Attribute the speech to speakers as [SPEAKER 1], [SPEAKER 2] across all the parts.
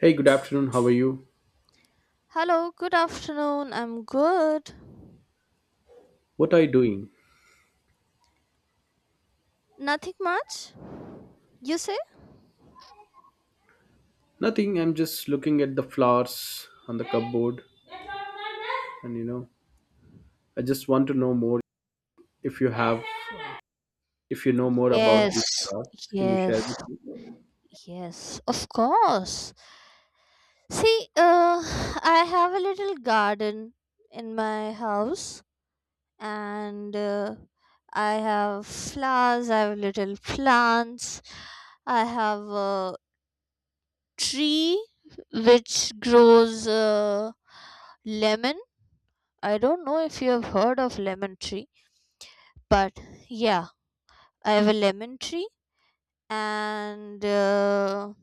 [SPEAKER 1] Hey, good afternoon. How are you?
[SPEAKER 2] Hello, good afternoon. I'm good.
[SPEAKER 1] What are you doing?
[SPEAKER 2] Nothing much, you say?
[SPEAKER 1] Nothing. I'm just looking at the flowers on the cupboard, and I just want to know more. If you have, if you know more about these
[SPEAKER 2] Yes,
[SPEAKER 1] flowers, can you share with
[SPEAKER 2] yes,
[SPEAKER 1] me?
[SPEAKER 2] yes, of course. See, I have a little garden in my house, and I have flowers, I have little plants, I have a tree which grows lemon. I don't know if you have heard of lemon tree, but yeah, I have a lemon tree and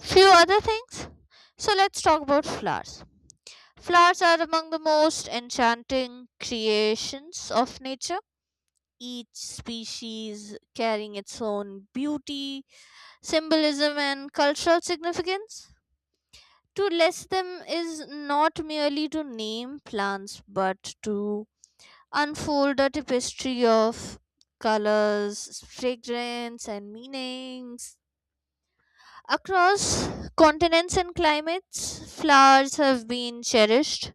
[SPEAKER 2] few other things. So let's talk about flowers. Flowers are among the most enchanting creations of nature, each species carrying its own beauty, symbolism, and cultural significance. To list them is not merely to name plants but to unfold a tapestry of colors, fragrance, and meanings. Across continents and climates, flowers have been cherished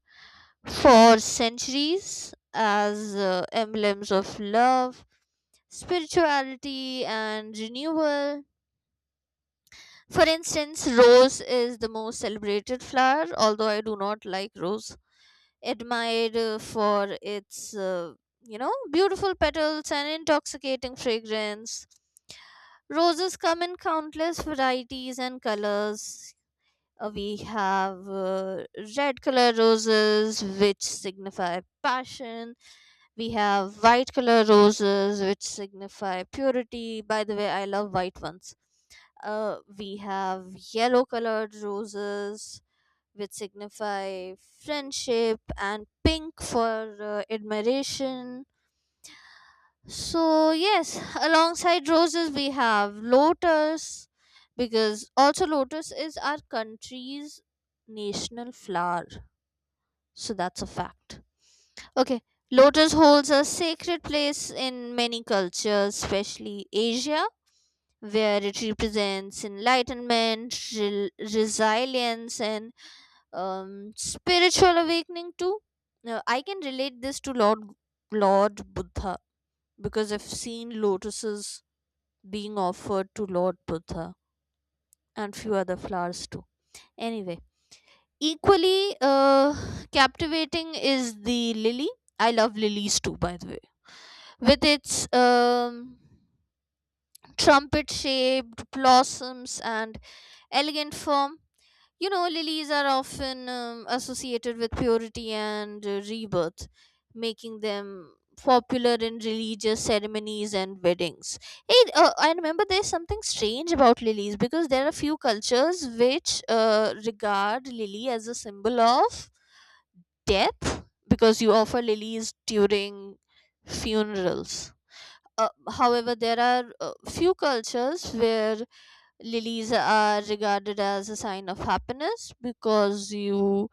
[SPEAKER 2] for centuries as emblems of love, spirituality, and renewal. For instance, rose is the most celebrated flower, although I do not like rose, admired for its beautiful petals and intoxicating fragrance. Roses come in countless varieties and colors. We have red color roses which signify passion, we have white color roses which signify purity. By the way, I love white ones. We have yellow colored roses which signify friendship, and pink for admiration. So yes, alongside roses we have lotus, because also lotus is our country's national flower. So that's a fact. Okay, lotus holds a sacred place in many cultures, especially Asia, where it represents enlightenment, resilience, and spiritual awakening too. Now, I can relate this to Lord Buddha because I've seen lotuses being offered to Lord Buddha and few other flowers too. Anyway, equally captivating is the lily. I love lilies too, by the way, with its trumpet shaped blossoms and elegant form. You know, lilies are often associated with purity and rebirth, making them popular in religious ceremonies and weddings. Hey, I remember there's something strange about lilies because there are few cultures which regard lily as a symbol of death because you offer lilies during funerals. However, there are few cultures where lilies are regarded as a sign of happiness because you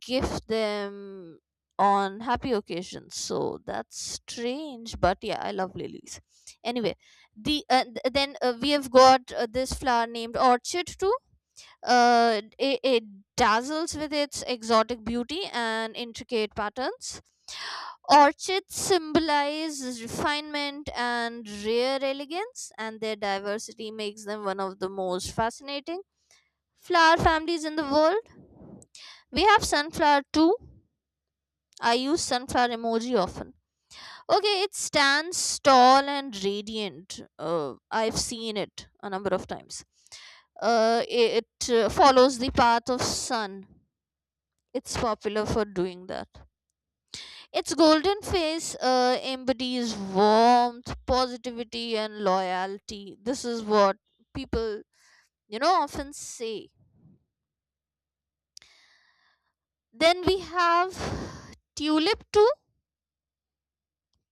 [SPEAKER 2] gift them on happy occasions. So that's strange, but yeah, I love lilies. Anyway, then we have got this flower named orchid too. It dazzles with its exotic beauty and intricate patterns. Orchids symbolize refinement and rare elegance, and their diversity makes them one of the most fascinating flower families in the world. We have sunflower too. I use sunflower emoji often. Okay, it stands tall and radiant. I've seen it a number of times. It follows the path of sun. It's popular for doing that. Its golden face embodies warmth, positivity, and loyalty. This is what people often say. Then we have tulip too.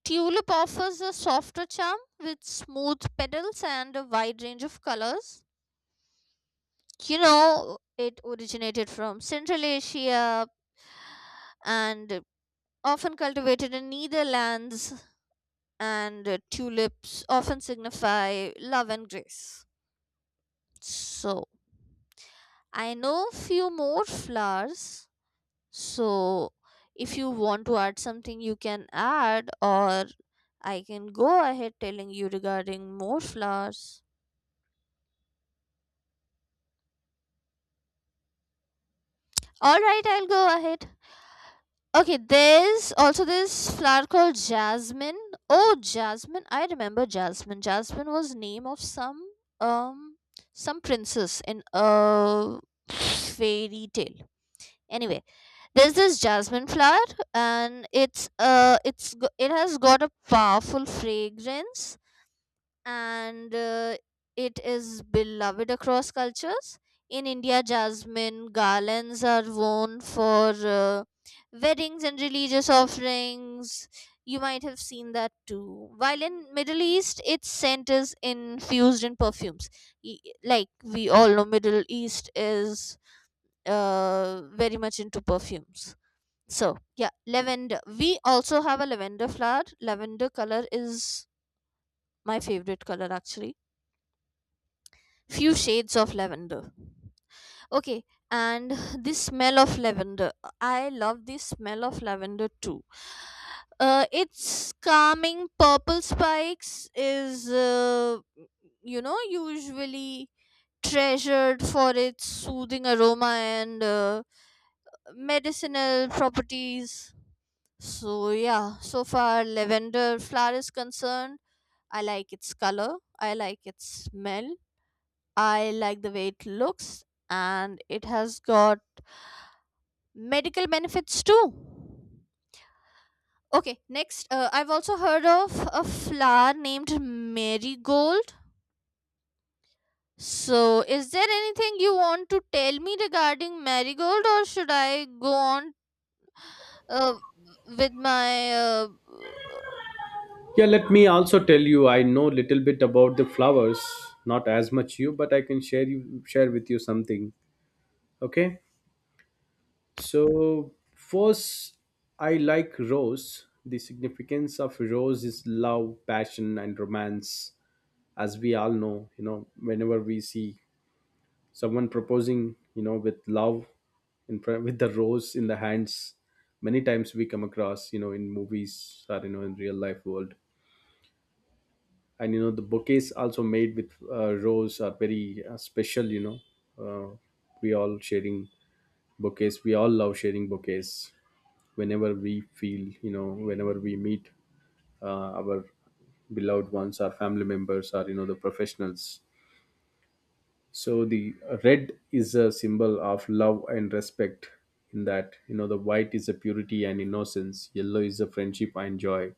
[SPEAKER 2] Tulip offers a softer charm with smooth petals and a wide range of colors. It originated from Central Asia and often cultivated in Netherlands, and tulips often signify love and grace. So, I know few more flowers. So, if you want to add something, you can add, or I can go ahead telling you regarding more flowers. All right, I'll go ahead. Okay, there's also this flower called jasmine. Oh, jasmine! I remember jasmine. Jasmine was name of um some princess in a fairy tale. Anyway, there's this jasmine flower, and it has got a powerful fragrance, and it is beloved across cultures. In India, jasmine garlands are worn for weddings and religious offerings. You might have seen that too. While in Middle East, its scent is infused in perfumes. Y- Like we all know, Middle East is very much into perfumes. So yeah, lavender. We also have a lavender flower. Lavender color is my favorite color, actually. Few shades of lavender. Okay. And this smell of lavender, I love this smell of lavender too. Its calming purple spikes is usually treasured for its soothing aroma and medicinal properties. So yeah, so far lavender flower is concerned, I like its color, I like its smell, I like the way it looks, and it has got medical benefits too. Okay, next, I've also heard of a flower named marigold. So, is there anything you want to tell me regarding marigold, or should I go on uh, with my
[SPEAKER 1] Yeah, let me also tell you. I know little bit about the flowers, not as much you, but I can share with you something. Okay. So first, I like rose. The significance of rose is love, passion, and romance, as we all know, whenever we see someone proposing, with love in front, with the rose in the hands. Many times we come across, in movies, or in real life world. And the bouquets also made with rose are very special. Uh, we all sharing we all love sharing bouquets whenever we feel, whenever we meet our beloved ones, our family members, or the professionals. So the red is a symbol of love and respect in that, the white is a purity and innocence, yellow is a friendship and joy,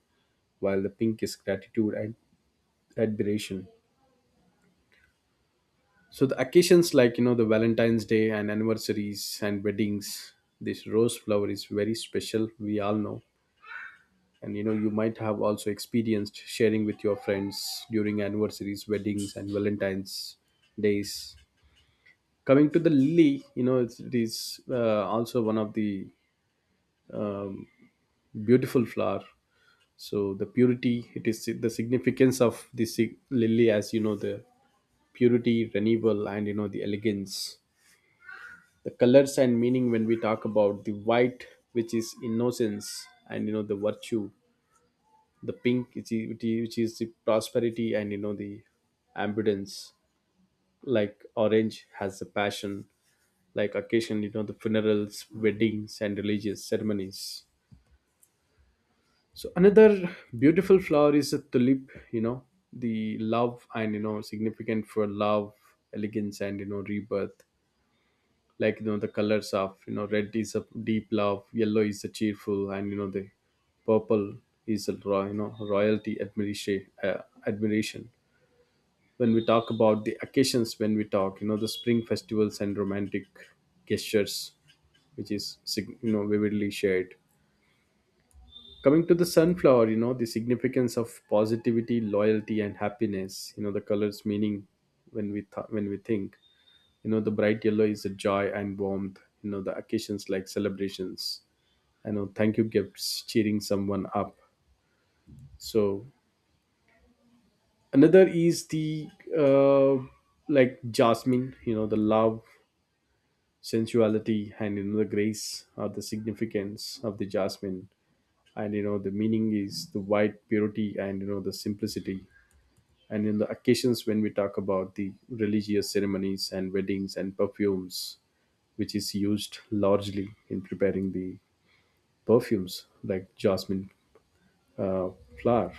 [SPEAKER 1] while the pink is gratitude and admiration. So the occasions like, the Valentine's Day and anniversaries and weddings, this rose flower is very special, we all know. And you might have also experienced sharing with your friends during anniversaries, weddings and Valentine's days. Coming to the lily, it is also one of the um, beautiful flower. So the purity, it is the significance of this lily, as the purity, renewal and the elegance. The colors and meaning, when we talk about the white, which is innocence and the virtue; the pink, which is the prosperity and the abundance; like orange has the passion. Like occasion, the funerals, weddings and religious ceremonies. So another beautiful flower is a tulip, the love, and significant for love, elegance and rebirth. Like the colors of, red is a deep love, yellow is a cheerful, and the purple is a royalty, admiration, admiration. When we talk about the occasions, when we talk, the spring festivals and romantic gestures, which is vividly shared. Coming to the sunflower, the significance of positivity, loyalty and happiness. The colors meaning, when we when we think, the bright yellow is a joy and warmth. The occasions like celebrations, I know, thank you gifts, cheering someone up. So another is the uh, like jasmine, the love, sensuality and the grace, or the significance of the jasmine. And the meaning is the white purity and the simplicity. And in the occasions, when we talk about the religious ceremonies and weddings and perfumes, which is used largely in preparing the perfumes, like jasmine uh, flower.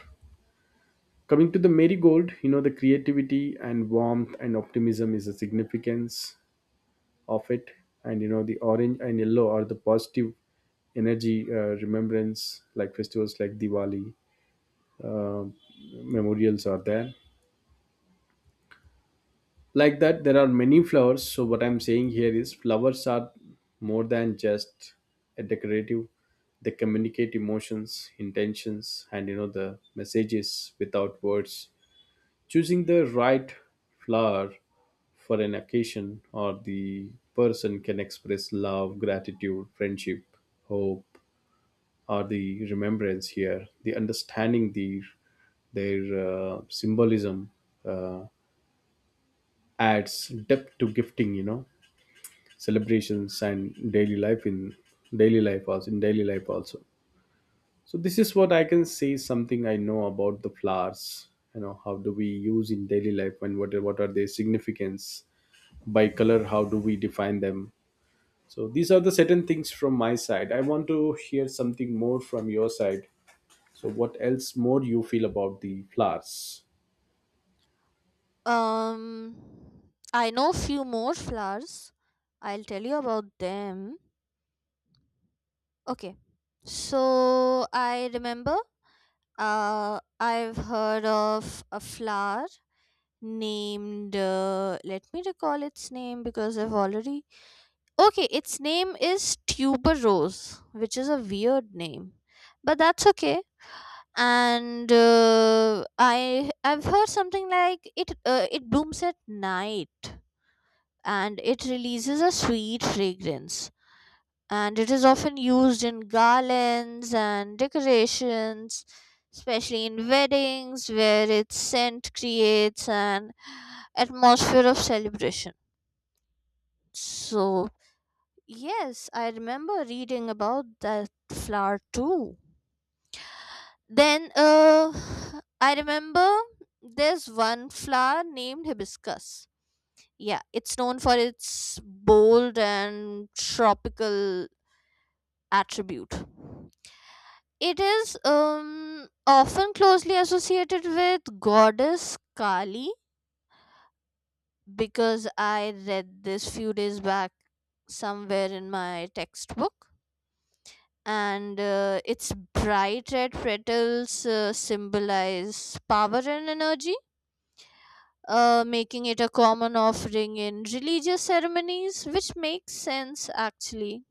[SPEAKER 1] Coming to the marigold, the creativity and warmth and optimism is a significance of it. And the orange and yellow are the positive energy, remembrance, like festivals like Diwali, uh, memorials are there. Like that, there are many flowers. So what I'm saying here is flowers are more than just a decorative. They communicate emotions, intentions and the messages without words. Choosing the right flower for an occasion or the person can express love, gratitude, friendship, hope, or the remembrance here. The understanding their symbolism uh, adds depth to gifting, celebrations and daily life, in daily life also. So this is what I can say, something I know about the flowers. How do we use in daily life, and what are their significance? By color, how do we define them? So these are the certain things from my side. I want to hear something more from your side. So what else more you feel about the flowers?
[SPEAKER 2] um? I know few more flowers. I'll tell you about them. Okay. So I remember I've heard of a flower named, let me recall its name because I've already. Okay, its name is tuberose, which is a weird name, but that's okay. And I've heard something like it blooms at night, and it releases a sweet fragrance, and it is often used in garlands and decorations, especially in weddings, where its scent creates an atmosphere of celebration. So, yes, I remember reading about that flower too. Then, I remember there's one flower named hibiscus. Yeah, it's known for its bold and tropical attribute. It is often closely associated with goddess Kali because I read this few days back somewhere in my textbook, and its bright red petals symbolize power and energy, making it a common offering in religious ceremonies, which makes sense actually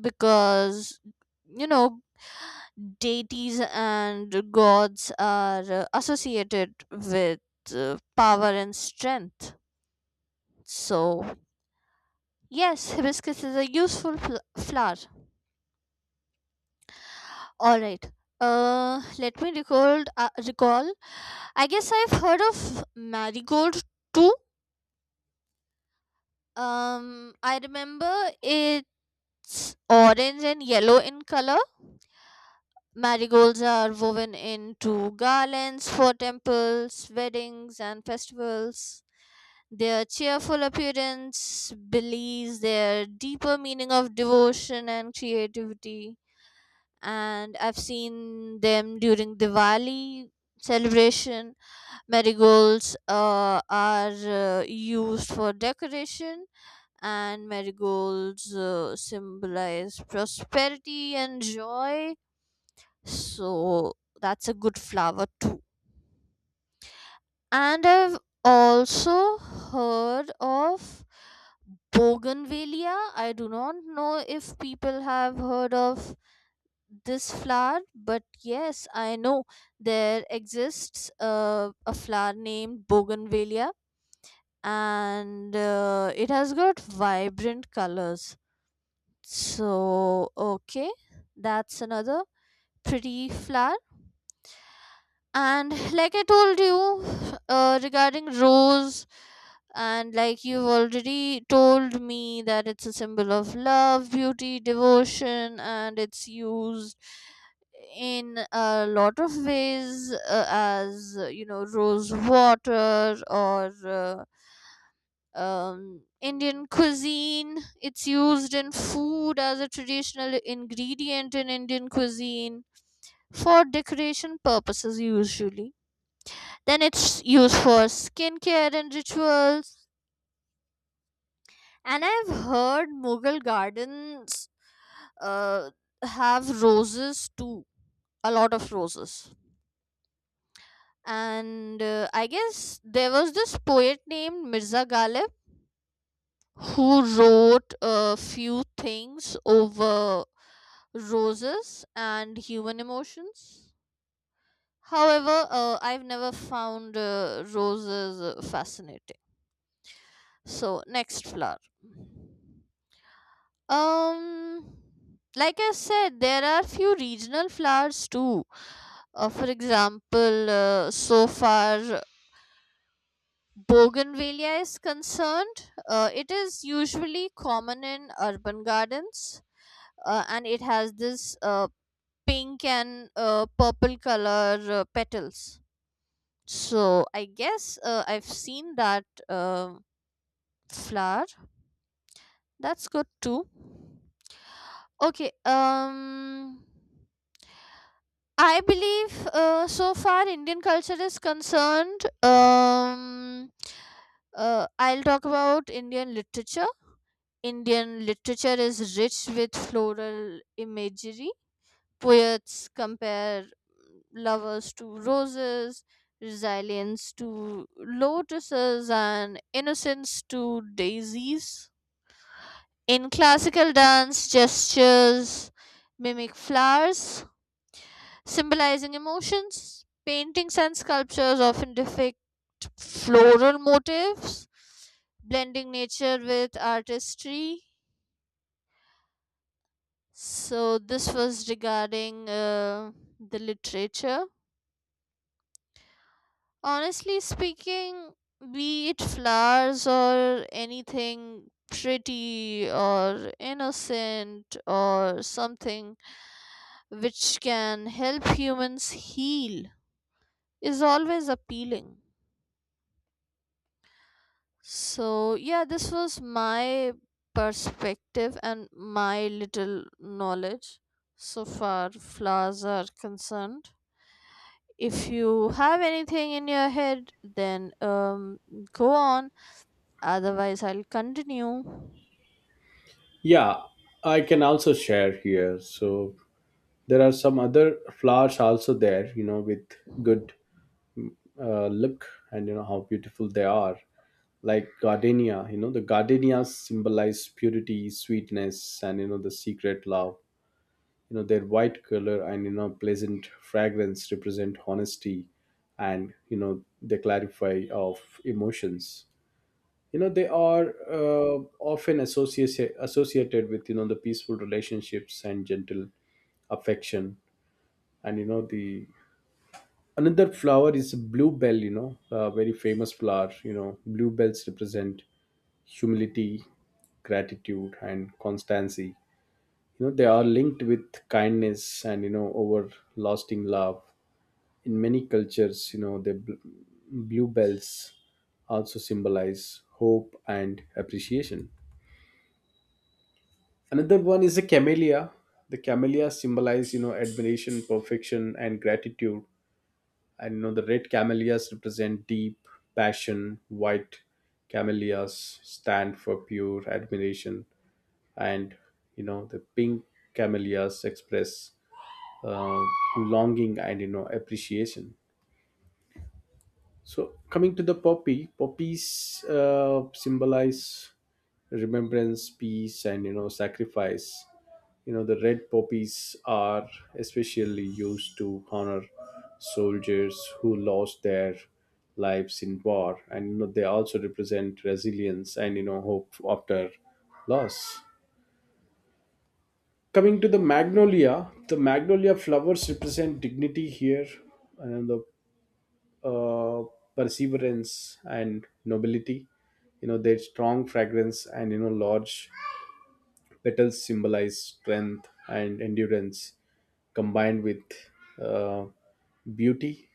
[SPEAKER 2] because you know deities and gods are associated with power and strength. So, yes, hibiscus is a useful flower. All right. Let me recall. Recall. I guess I've heard of marigold too. I remember it's orange and yellow in color. Marigolds are woven into garlands for temples, weddings, and festivals. Their cheerful appearance belies their deeper meaning of devotion and creativity. And I've seen them during Diwali celebration. Marigolds are used for decoration, and marigolds symbolize prosperity and joy. So that's a good flower too. And I've also heard of bougainvillea. I do not know if people have heard of this flower, but yes, I know there exists a flower named bougainvillea, and it has got vibrant colors. So, okay, that's another pretty flower. And like I told you regarding rose, and like you've already told me that it's a symbol of love, beauty, devotion, and it's used in a lot of ways, as rose water, or Indian cuisine. It's used in food as a traditional ingredient in Indian cuisine for decoration purposes, usually. Then it's used for skincare and rituals. And I've heard Mughal gardens uh, have roses too, a lot of roses. And I guess there was this poet named Mirza Ghalib who wrote a few things over roses and human emotions. However, I've never found roses fascinating. So, next flower. Um, like I said, there are few regional flowers too. For example, so far bougainvillea is concerned, it is usually common in urban gardens, and it has this pink and purple color petals. So I guess I've seen that flower. That's good too. Okay. I believe so far Indian culture is concerned. I'll talk about Indian literature. Indian literature is rich with floral imagery. Poets compare lovers to roses, resilience to lotuses, and innocence to daisies. In classical dance, gestures mimic flowers, symbolizing emotions. Paintings and sculptures often depict floral motifs, blending nature with artistry. So, this was regarding the literature. Honestly speaking, be it flowers or anything pretty or innocent or something which can help humans heal is always appealing. So, yeah, this was my perspective and my little knowledge so far flowers are concerned. If you have anything in your head, then go on. Otherwise, I'll continue.
[SPEAKER 1] Yeah, I can also share here. So there are some other flowers also there, with good look, and how beautiful they are. Like gardenia, the gardenia symbolize purity, sweetness and the secret love. Their white color and pleasant fragrance represent honesty, and they clarify of emotions. They are uh, often associated with, the peaceful relationships and gentle affection. And you know the another flower is bluebell. A very famous flower. Bluebells represent humility, gratitude and constancy. They are linked with kindness and over lasting love. In many cultures, the bluebells also symbolize hope and appreciation. Another one is the camellia. The camellia symbolize, admiration, perfection and gratitude. And the red camellias represent deep passion, white camellias stand for pure admiration, and the pink camellias express uh, longing and appreciation. So coming to the poppy, poppies symbolize remembrance, peace and sacrifice. The red poppies are especially used to honor soldiers who lost their lives in war, and they also represent resilience and hope after loss. Coming to the magnolia, the magnolia flowers represent dignity here, and the uh, perseverance and nobility. Their strong fragrance and large petals symbolize strength and endurance, combined with uh, beauty.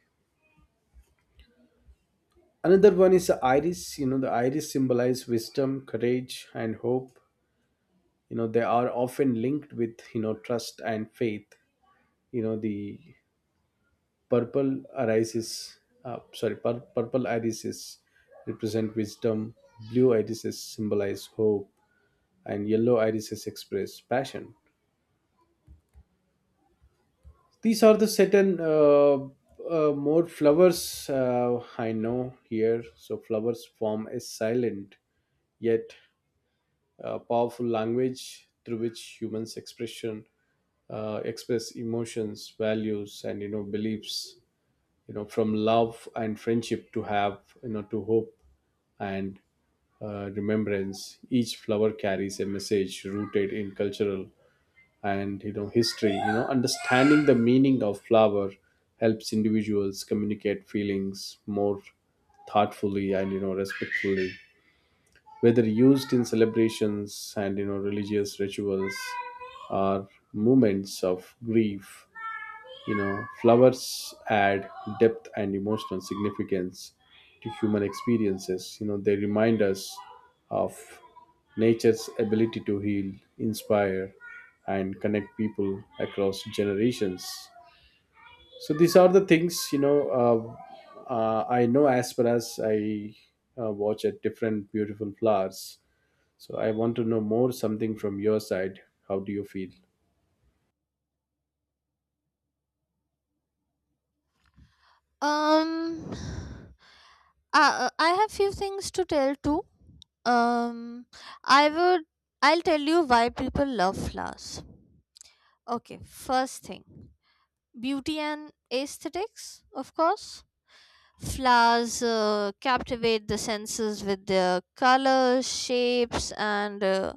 [SPEAKER 1] Another one is the iris. The iris symbolize wisdom, courage and hope. They are often linked with, trust and faith. The purple irises, purple irises represent wisdom, blue irises symbolize hope, and yellow irises express passion. These are the certain more flowers I know here. So flowers form a silent yet powerful language through which humans express emotions, values and beliefs. From love and friendship to have, to hope and remembrance, each flower carries a message rooted in cultural and history. Understanding the meaning of flower helps individuals communicate feelings more thoughtfully and respectfully, whether used in celebrations and religious rituals, or moments of grief. Flowers add depth and emotional significance to human experiences. They remind us of nature's ability to heal, inspire, and connect people across generations. So these are the things. I know, as far as I watch at different beautiful flowers. So I want to know more something from your side. How do you feel?
[SPEAKER 2] Um, I have few things to tell too. Um, I would I'll tell you why people love flowers. Okay, first thing, beauty and aesthetics, of course. Flowers captivate the senses with their colors, shapes, and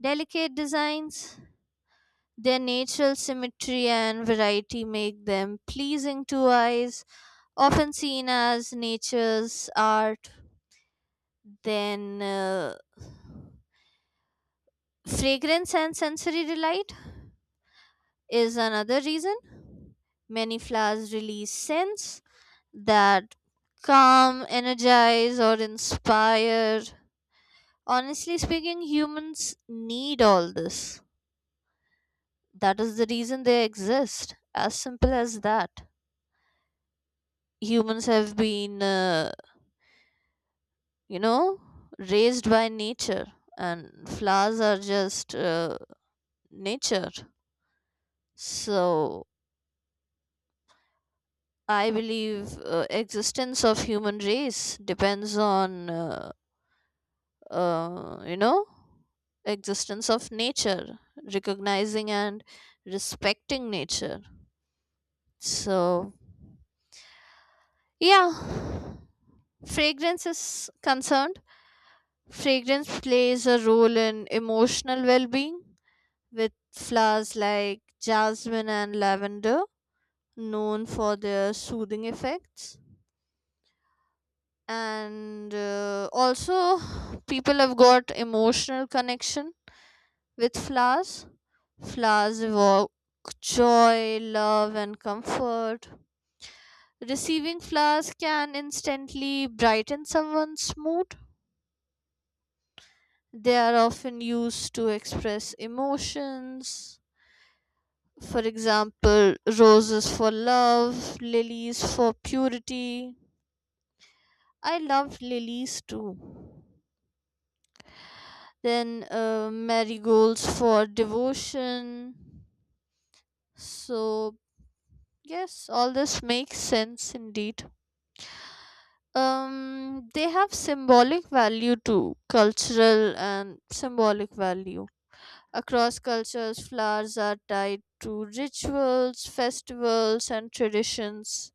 [SPEAKER 2] delicate designs. Their natural symmetry and variety make them pleasing to eyes, often seen as nature's art. Then, fragrance and sensory delight is another reason. Many flowers release scents that calm, energize, or inspire. Honestly speaking, humans need all this. That is the reason they exist, as simple as that. Humans have been you know raised by nature, and flowers are just nature. So I believe existence of human race depends on uh, you know existence of nature, recognizing and respecting nature. So yeah, fragrance is concerned. Fragrance plays a role in emotional well-being with flowers like jasmine and lavender, known for their soothing effects. And also, people have got emotional connection with flowers. Flowers evoke joy, love, and comfort. Receiving flowers can instantly brighten someone's mood. They are often used to express emotions. For example, roses for love, lilies for purity. I loved lilies too. Then, marigolds for devotion. So, yes, all this makes sense indeed. They have symbolic value too, cultural and symbolic value. Across cultures, flowers are tied to rituals, festivals, and traditions,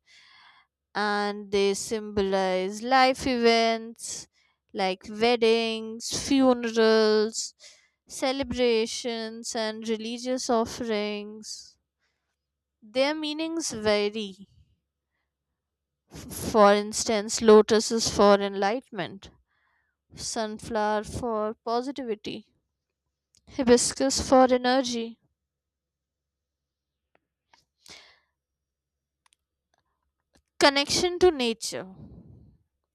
[SPEAKER 2] and they symbolize life events like weddings, funerals, celebrations, and religious offerings. Their meanings vary. For instance, lotus is for enlightenment, sunflower for positivity, hibiscus for energy, connection to nature.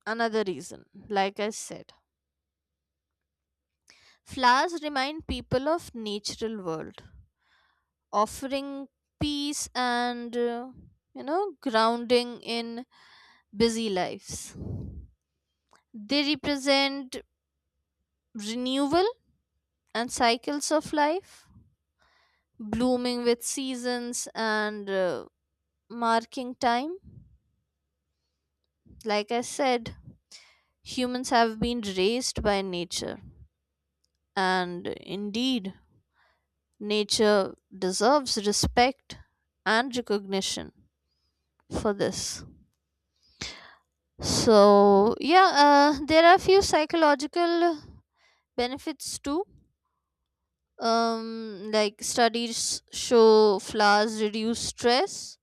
[SPEAKER 2] Another reason, like I said, flowers remind people of natural world, offering peace and grounding in busy lives. They represent renewal and cycles of life, blooming with seasons and marking time. Like I said, humans have been raised by nature, and indeed nature deserves respect and recognition for this. So yeah, there are a few psychological benefits too. um like studies show flowers reduce stress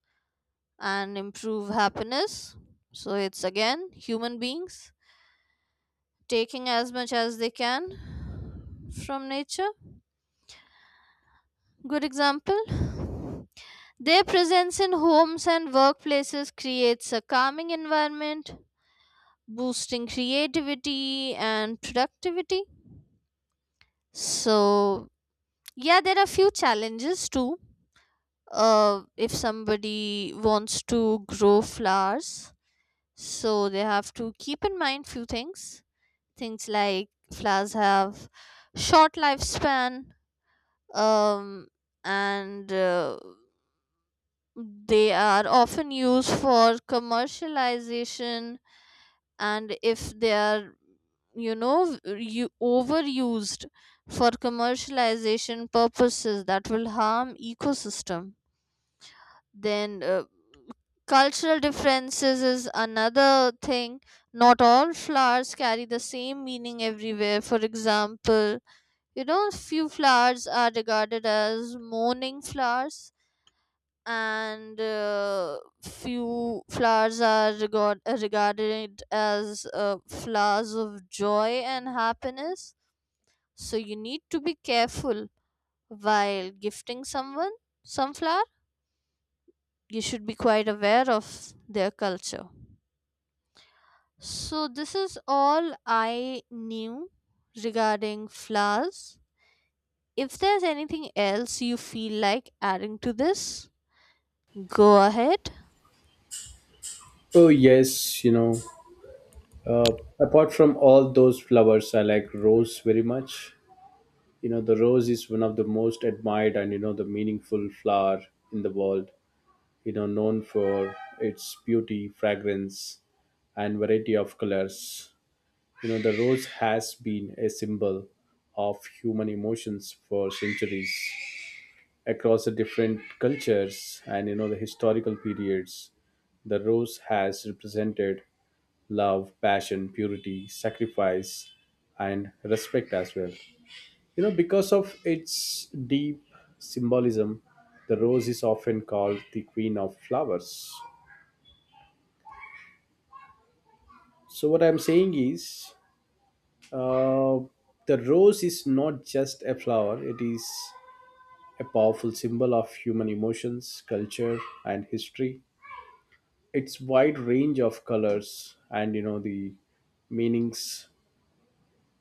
[SPEAKER 2] and improve happiness. So it's again human beings taking as much as they can from nature. Good example, their presence in homes and workplaces creates a calming environment, boosting creativity and productivity. So yeah, there are few challenges too. If somebody wants to grow flowers, so they have to keep in mind few things. Things like flowers have short lifespan um, and they are often used for commercialization, and if they are you know you overused for commercialization purposes, that will harm ecosystem. Then, cultural differences is another thing. Not all flowers carry the same meaning everywhere. For example, few flowers are regarded as mourning flowers, and few flowers are regarded as flowers of joy and happiness. So you need to be careful while gifting someone some flower. You should be quite aware of their culture. So, this is all I knew regarding flowers. If there's anything else you feel like adding to this, go ahead.
[SPEAKER 1] Oh yes. Uh, Apart from all those flowers, I like rose very much. The rose is one of the most admired and the meaningful flower in the world. Known for its beauty, fragrance, and variety of colors. The rose has been a symbol of human emotions for centuries across the different cultures and the historical periods. The rose has represented love, passion, purity, sacrifice, and respect as well. Because of its deep symbolism, the rose is often called the queen of flowers. So, what I'm saying is, uh, the rose is not just a flower, it is a powerful symbol of human emotions, culture, and history. Its wide range of colors and the meanings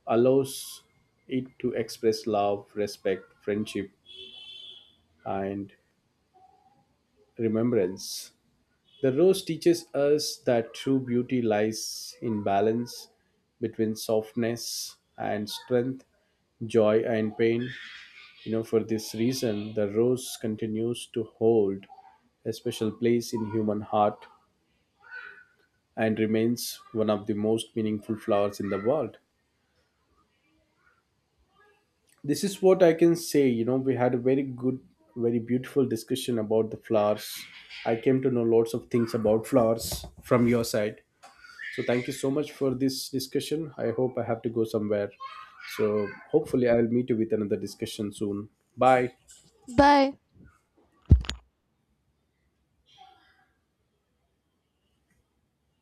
[SPEAKER 1] allows it to express love, respect, friendship, and remembrance. The rose teaches us that true beauty lies in balance between softness and strength, joy and pain. For this reason, the rose continues to hold a special place in human heart, and remains one of the most meaningful flowers in the world. This is what I can say. We had a very good, very beautiful discussion about the flowers. I came to know lots of things about flowers from your side. So thank you so much for this discussion. I hope I have to go somewhere, so hopefully I'll meet you with another discussion soon. Bye.
[SPEAKER 2] Bye.